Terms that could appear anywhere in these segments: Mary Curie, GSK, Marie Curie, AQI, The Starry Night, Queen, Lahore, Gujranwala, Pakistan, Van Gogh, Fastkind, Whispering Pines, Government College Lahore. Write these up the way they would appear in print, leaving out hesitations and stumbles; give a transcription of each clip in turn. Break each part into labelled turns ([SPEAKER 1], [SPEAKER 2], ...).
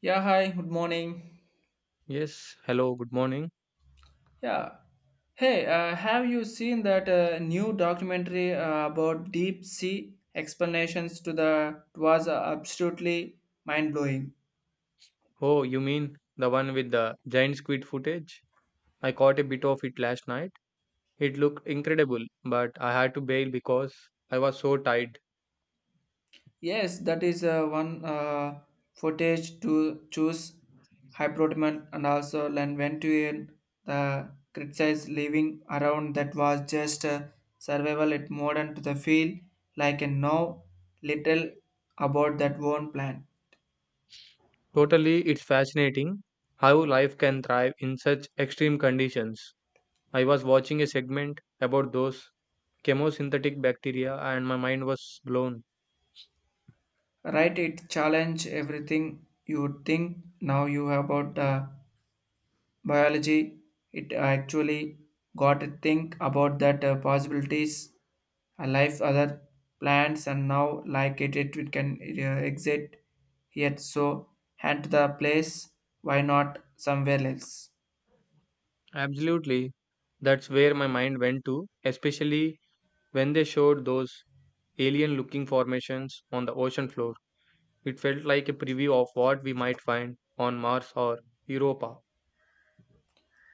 [SPEAKER 1] Yeah, hi, good morning.
[SPEAKER 2] Yes, hello, good morning.
[SPEAKER 1] Yeah. Hey, have you seen that new documentary about deep sea explanations to the it was absolutely mind blowing.
[SPEAKER 2] Oh, you mean the one with the giant squid footage? I caught a bit of it last night. It looked incredible, but I had to bail because I was so tired.
[SPEAKER 1] Yes, that is one footage to choose hyperdocument and also land went the criticized living around that was just survival it modern to the field like a now little about that one plan.
[SPEAKER 2] Totally, it's fascinating how life can thrive in such extreme conditions. I was watching a segment about those chemosynthetic bacteria and my mind was blown.
[SPEAKER 1] Right, it challenge everything you think now you about biology. It actually got to think about that possibilities, a life, other plants, and now like it can exit here. So hand to the place. Why not somewhere else?
[SPEAKER 2] Absolutely, that's where my mind went to, especially when they showed those alien looking formations on the ocean floor. It felt like a preview of what we might find on Mars or Europa.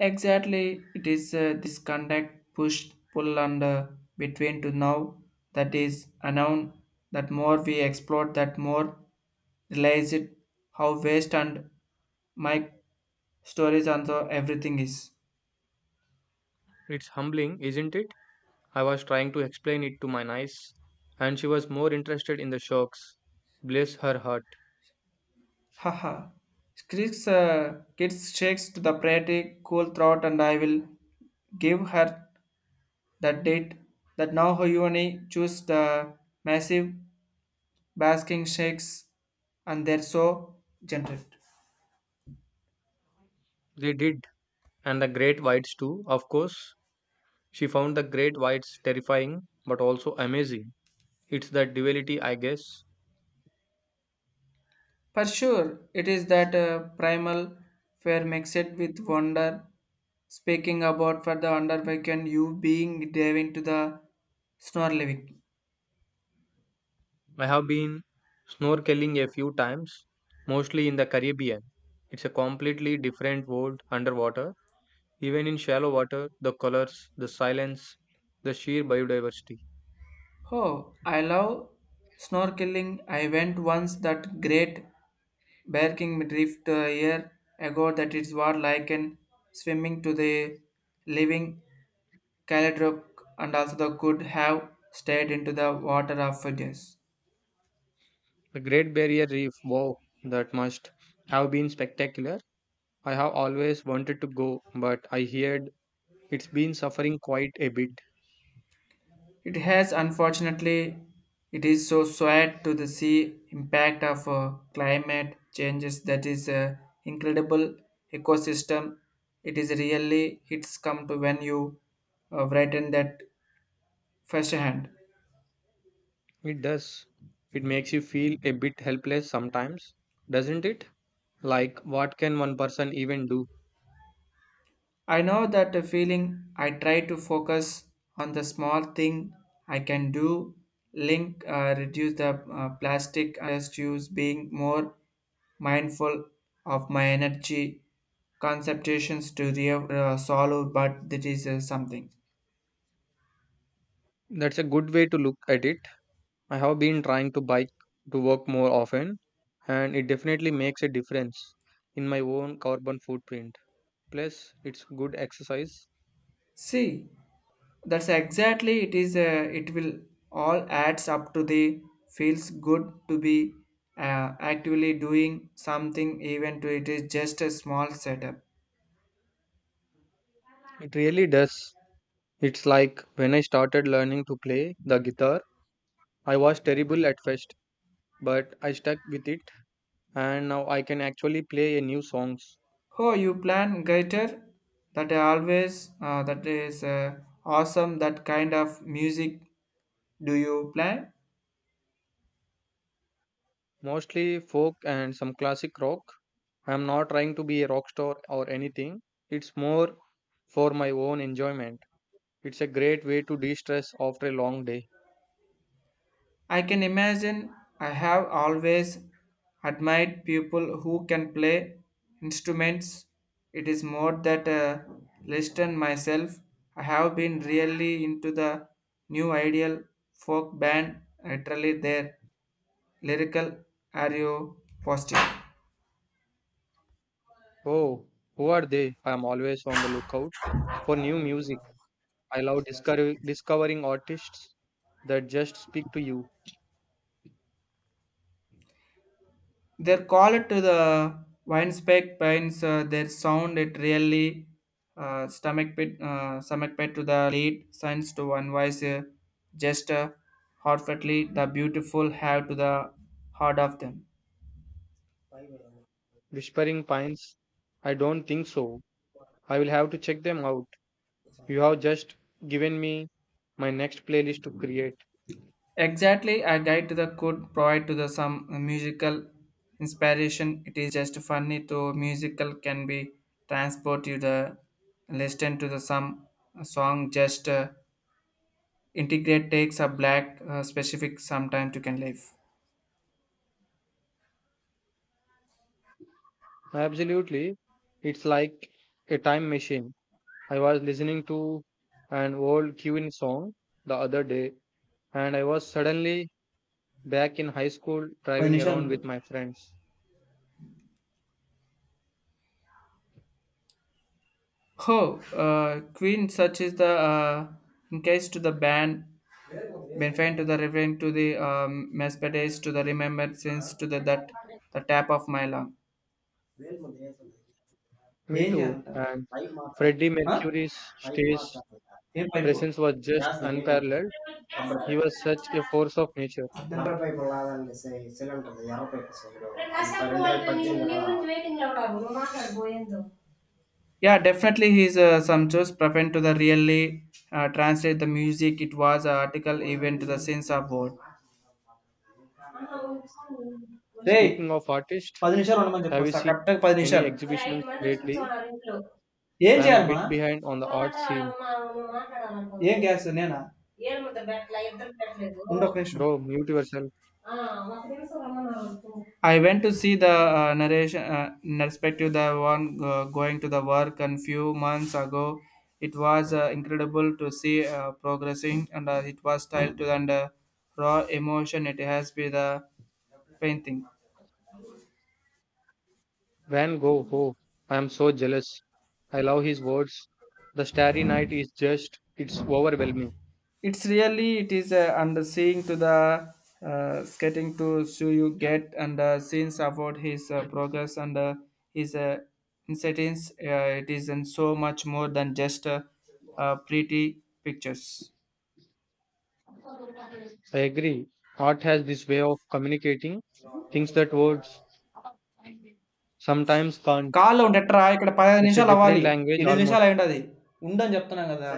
[SPEAKER 1] Exactly, it is this contact push pull and between to now that is unknown. That more we explore, that more realize it how waste and my stories and so everything is.
[SPEAKER 2] It's humbling, isn't it? I was trying to explain it to my niece, and she was more interested in the sharks. Bless her heart.
[SPEAKER 1] Haha. Squeaks, kids shakes to the pretty cool throat and I will give her the date that now Hoyuni choose the massive basking shakes and they're so gentle.
[SPEAKER 2] They did, and the great whites too, of course. She found the great whites terrifying but also amazing. It's that duality, I guess.
[SPEAKER 1] For sure, it is that primal fear mixed with wonder. Speaking about for the under weekend, you being diving to the snorkeling.
[SPEAKER 2] I have been snorkeling a few times, mostly in the Caribbean. It's a completely different world underwater. Even in shallow water, the colors, the silence, the sheer biodiversity.
[SPEAKER 1] Oh, I love snorkeling. I went once that great Barking drift a year ago that it's what like and swimming to the living Caledrock and also the could have stayed into the water of Fuji's.
[SPEAKER 2] The Great Barrier Reef, wow, that must have been spectacular. I have always wanted to go, but I heard it's been suffering quite a bit.
[SPEAKER 1] It has, unfortunately, it is so sad to the sea impact of climate changes that is incredible ecosystem. It is really it's come to when you written that firsthand.
[SPEAKER 2] It does. It makes you feel a bit helpless sometimes, doesn't it? Like, what can one person even do?
[SPEAKER 1] I know that the feeling I try to focus on the small thing I can do, link, reduce the plastic issues, being more mindful of my energy, concentrations to solve, but that is something.
[SPEAKER 2] That's a good way to look at it. I have been trying to bike to work more often, and it definitely makes a difference in my own carbon footprint. Plus, it's good exercise.
[SPEAKER 1] See, that's exactly it is, it will all adds up to the feels good to be actively doing something even to it is just a small setup.
[SPEAKER 2] It really does. It's like when I started learning to play the guitar, I was terrible at first, but I stuck with it and now I can actually play a new songs,
[SPEAKER 1] Oh, you plan guitar? That I always that is awesome. That kind of music do you play?
[SPEAKER 2] mostly folk and some classic rock. I'm not trying to be a rock star or anything. It's more for my own enjoyment. It's a great way to de-stress after a long day.
[SPEAKER 1] I can imagine. I have always admired people who can play instruments. It is more that listen myself. I have been really into the new ideal folk band. Literally, their lyrical are you positive?
[SPEAKER 2] Oh, who are they? I'm always on the lookout for new music. I love discovering artists that just speak to you.
[SPEAKER 1] Their call it to the Weinspec pines, their sound it really stomach pit to the lead signs to one voice gesture, heartfeltly the beautiful have to the heart of them.
[SPEAKER 2] Whispering Pines, I don't think so. I will have to check them out. You have just given me my next playlist to create.
[SPEAKER 1] Exactly, a guide to the could provide to the some musical inspiration. It is just funny to musical can be transport you the listen to the some song just. Integrate takes a black specific sometime to can live.
[SPEAKER 2] Absolutely. It's like a time machine. I was listening to an old Queen song the other day, and I was suddenly back in high school
[SPEAKER 1] పది
[SPEAKER 2] driving
[SPEAKER 1] నిమిషాలు
[SPEAKER 2] around
[SPEAKER 1] ఉండు.
[SPEAKER 2] with my friends.
[SPEAKER 1] Oh, uh, Queen searches the in case to the band, benefit to the reverend to the Mercedes to the remembrance to the that the tap of my lung.
[SPEAKER 2] Me
[SPEAKER 1] ఏం
[SPEAKER 2] too.
[SPEAKER 1] చేయాలంట
[SPEAKER 2] And Freddie
[SPEAKER 1] ఆ?
[SPEAKER 2] Mercury's stage
[SPEAKER 1] ఏం పైపు
[SPEAKER 2] presence was just unparalleled. He was such a force of nature.
[SPEAKER 1] అర్థం కాదు. పద్దెనిమిది. Yeah, definitely his some choice preferred to the really translate the music. It was an article even to the sense of word. Ray
[SPEAKER 2] Speaking of artists,
[SPEAKER 1] పది నిమిషాలు ఉండమని చెప్పు
[SPEAKER 2] have you
[SPEAKER 1] వస్తా
[SPEAKER 2] seen
[SPEAKER 1] Capital.
[SPEAKER 2] any
[SPEAKER 1] మరి ఐదు
[SPEAKER 2] exhibitions
[SPEAKER 1] మంది వచ్చి
[SPEAKER 2] lately?
[SPEAKER 1] కూర్చోమన్నారు ఇంట్లో ఏం
[SPEAKER 2] I am a
[SPEAKER 1] చేయాలమ్మా.
[SPEAKER 2] bit behind on the
[SPEAKER 1] ఒకరు మాట
[SPEAKER 2] art scene.
[SPEAKER 1] మాట్లాడాలనుకో ఏం గ్యాస్ నేనా ఏం ముద్ద పెట్టలే ఇద్దరు పెట్టలేదు ఉండొక నిమిషం.
[SPEAKER 2] Bro, mute yourself.
[SPEAKER 1] Ah, I went to see the narration perspective the one going to the work and few months ago. It was incredible to see progressing and it was styled to and raw emotion. It has been the painting.
[SPEAKER 2] Van Gogh, oh, I am so jealous. I love his words. The Starry Night is just, it's overwhelming.
[SPEAKER 1] It's really it is and seeing to the skating to so you get and since about his progress and his incidents it is in so much more than just pretty pictures.
[SPEAKER 2] I agree. Art has this way of communicating things that words sometimes can't.
[SPEAKER 1] కాల్లో ఉండట్రా ఇక్కడ పదిహేను
[SPEAKER 2] It's a
[SPEAKER 1] నిమిషాలు
[SPEAKER 2] different
[SPEAKER 1] అవ్వాలి.
[SPEAKER 2] language
[SPEAKER 1] ఎనిమిది
[SPEAKER 2] almost.
[SPEAKER 1] నిమిషాలు అయి ఉంటుంది. ఉండని చెప్తున్నాం కదా.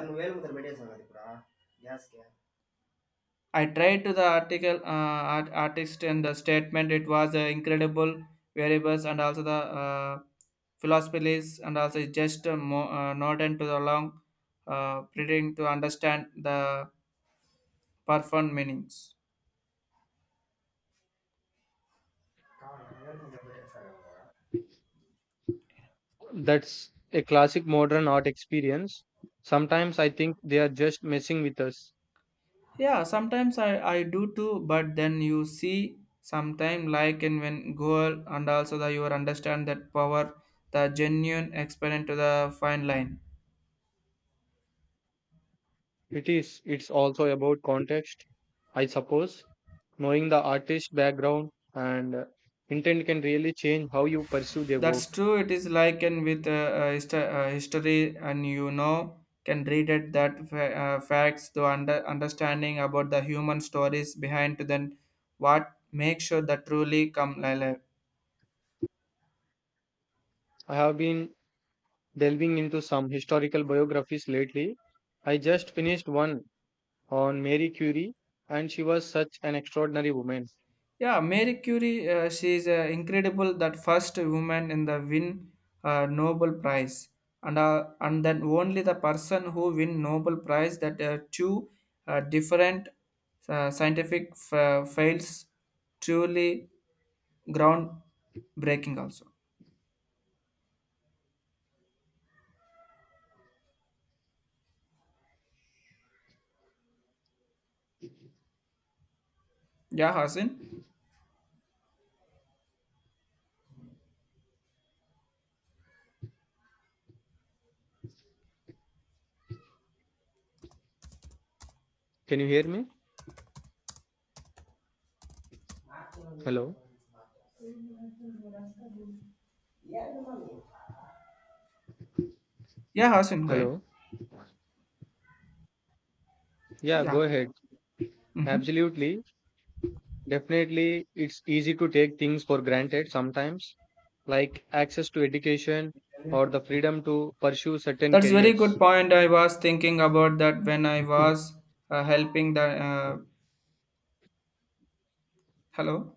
[SPEAKER 1] I tried to the article art, artist and the statement. It was incredible variables and also the uh, philosophies and also just not into the long pretending to understand the profound meanings.
[SPEAKER 2] That's a classic modern art experience. Sometimes I think they are just messing with us.
[SPEAKER 1] Yeah, sometimes I do too, but then you see sometime like and when goal and also the you understand that power the genuine experiment to the fine line.
[SPEAKER 2] It is. It's also about context, I suppose. Knowing the artist's background and intent can really change how you pursue their
[SPEAKER 1] That's
[SPEAKER 2] work.
[SPEAKER 1] true. It is like and with history, and you know can read it that facts the under understanding about the human stories behind to then what makes sure that truly come alive.
[SPEAKER 2] I have been delving into some historical biographies lately. I just finished one on Mary Curie, and she was such an extraordinary woman.
[SPEAKER 1] Yeah, Mary Curie, she is incredible. That first woman in the win Nobel Prize, and and then only the person who win Nobel Prize that two different scientific fields truly groundbreaking also. Yeah, Hasan.
[SPEAKER 2] Can you hear me? Hello?
[SPEAKER 1] Yeah, Hasan, go ahead.
[SPEAKER 2] Hello? Yeah,
[SPEAKER 1] Yeah.
[SPEAKER 2] go ahead.
[SPEAKER 1] Hmm.
[SPEAKER 2] Absolutely. Definitely, it's easy to take things for granted sometimes. Like access to education or the freedom to pursue certain
[SPEAKER 1] That's very
[SPEAKER 2] careers.
[SPEAKER 1] good point. I was thinking about that when I was helping the. Uh, Hello.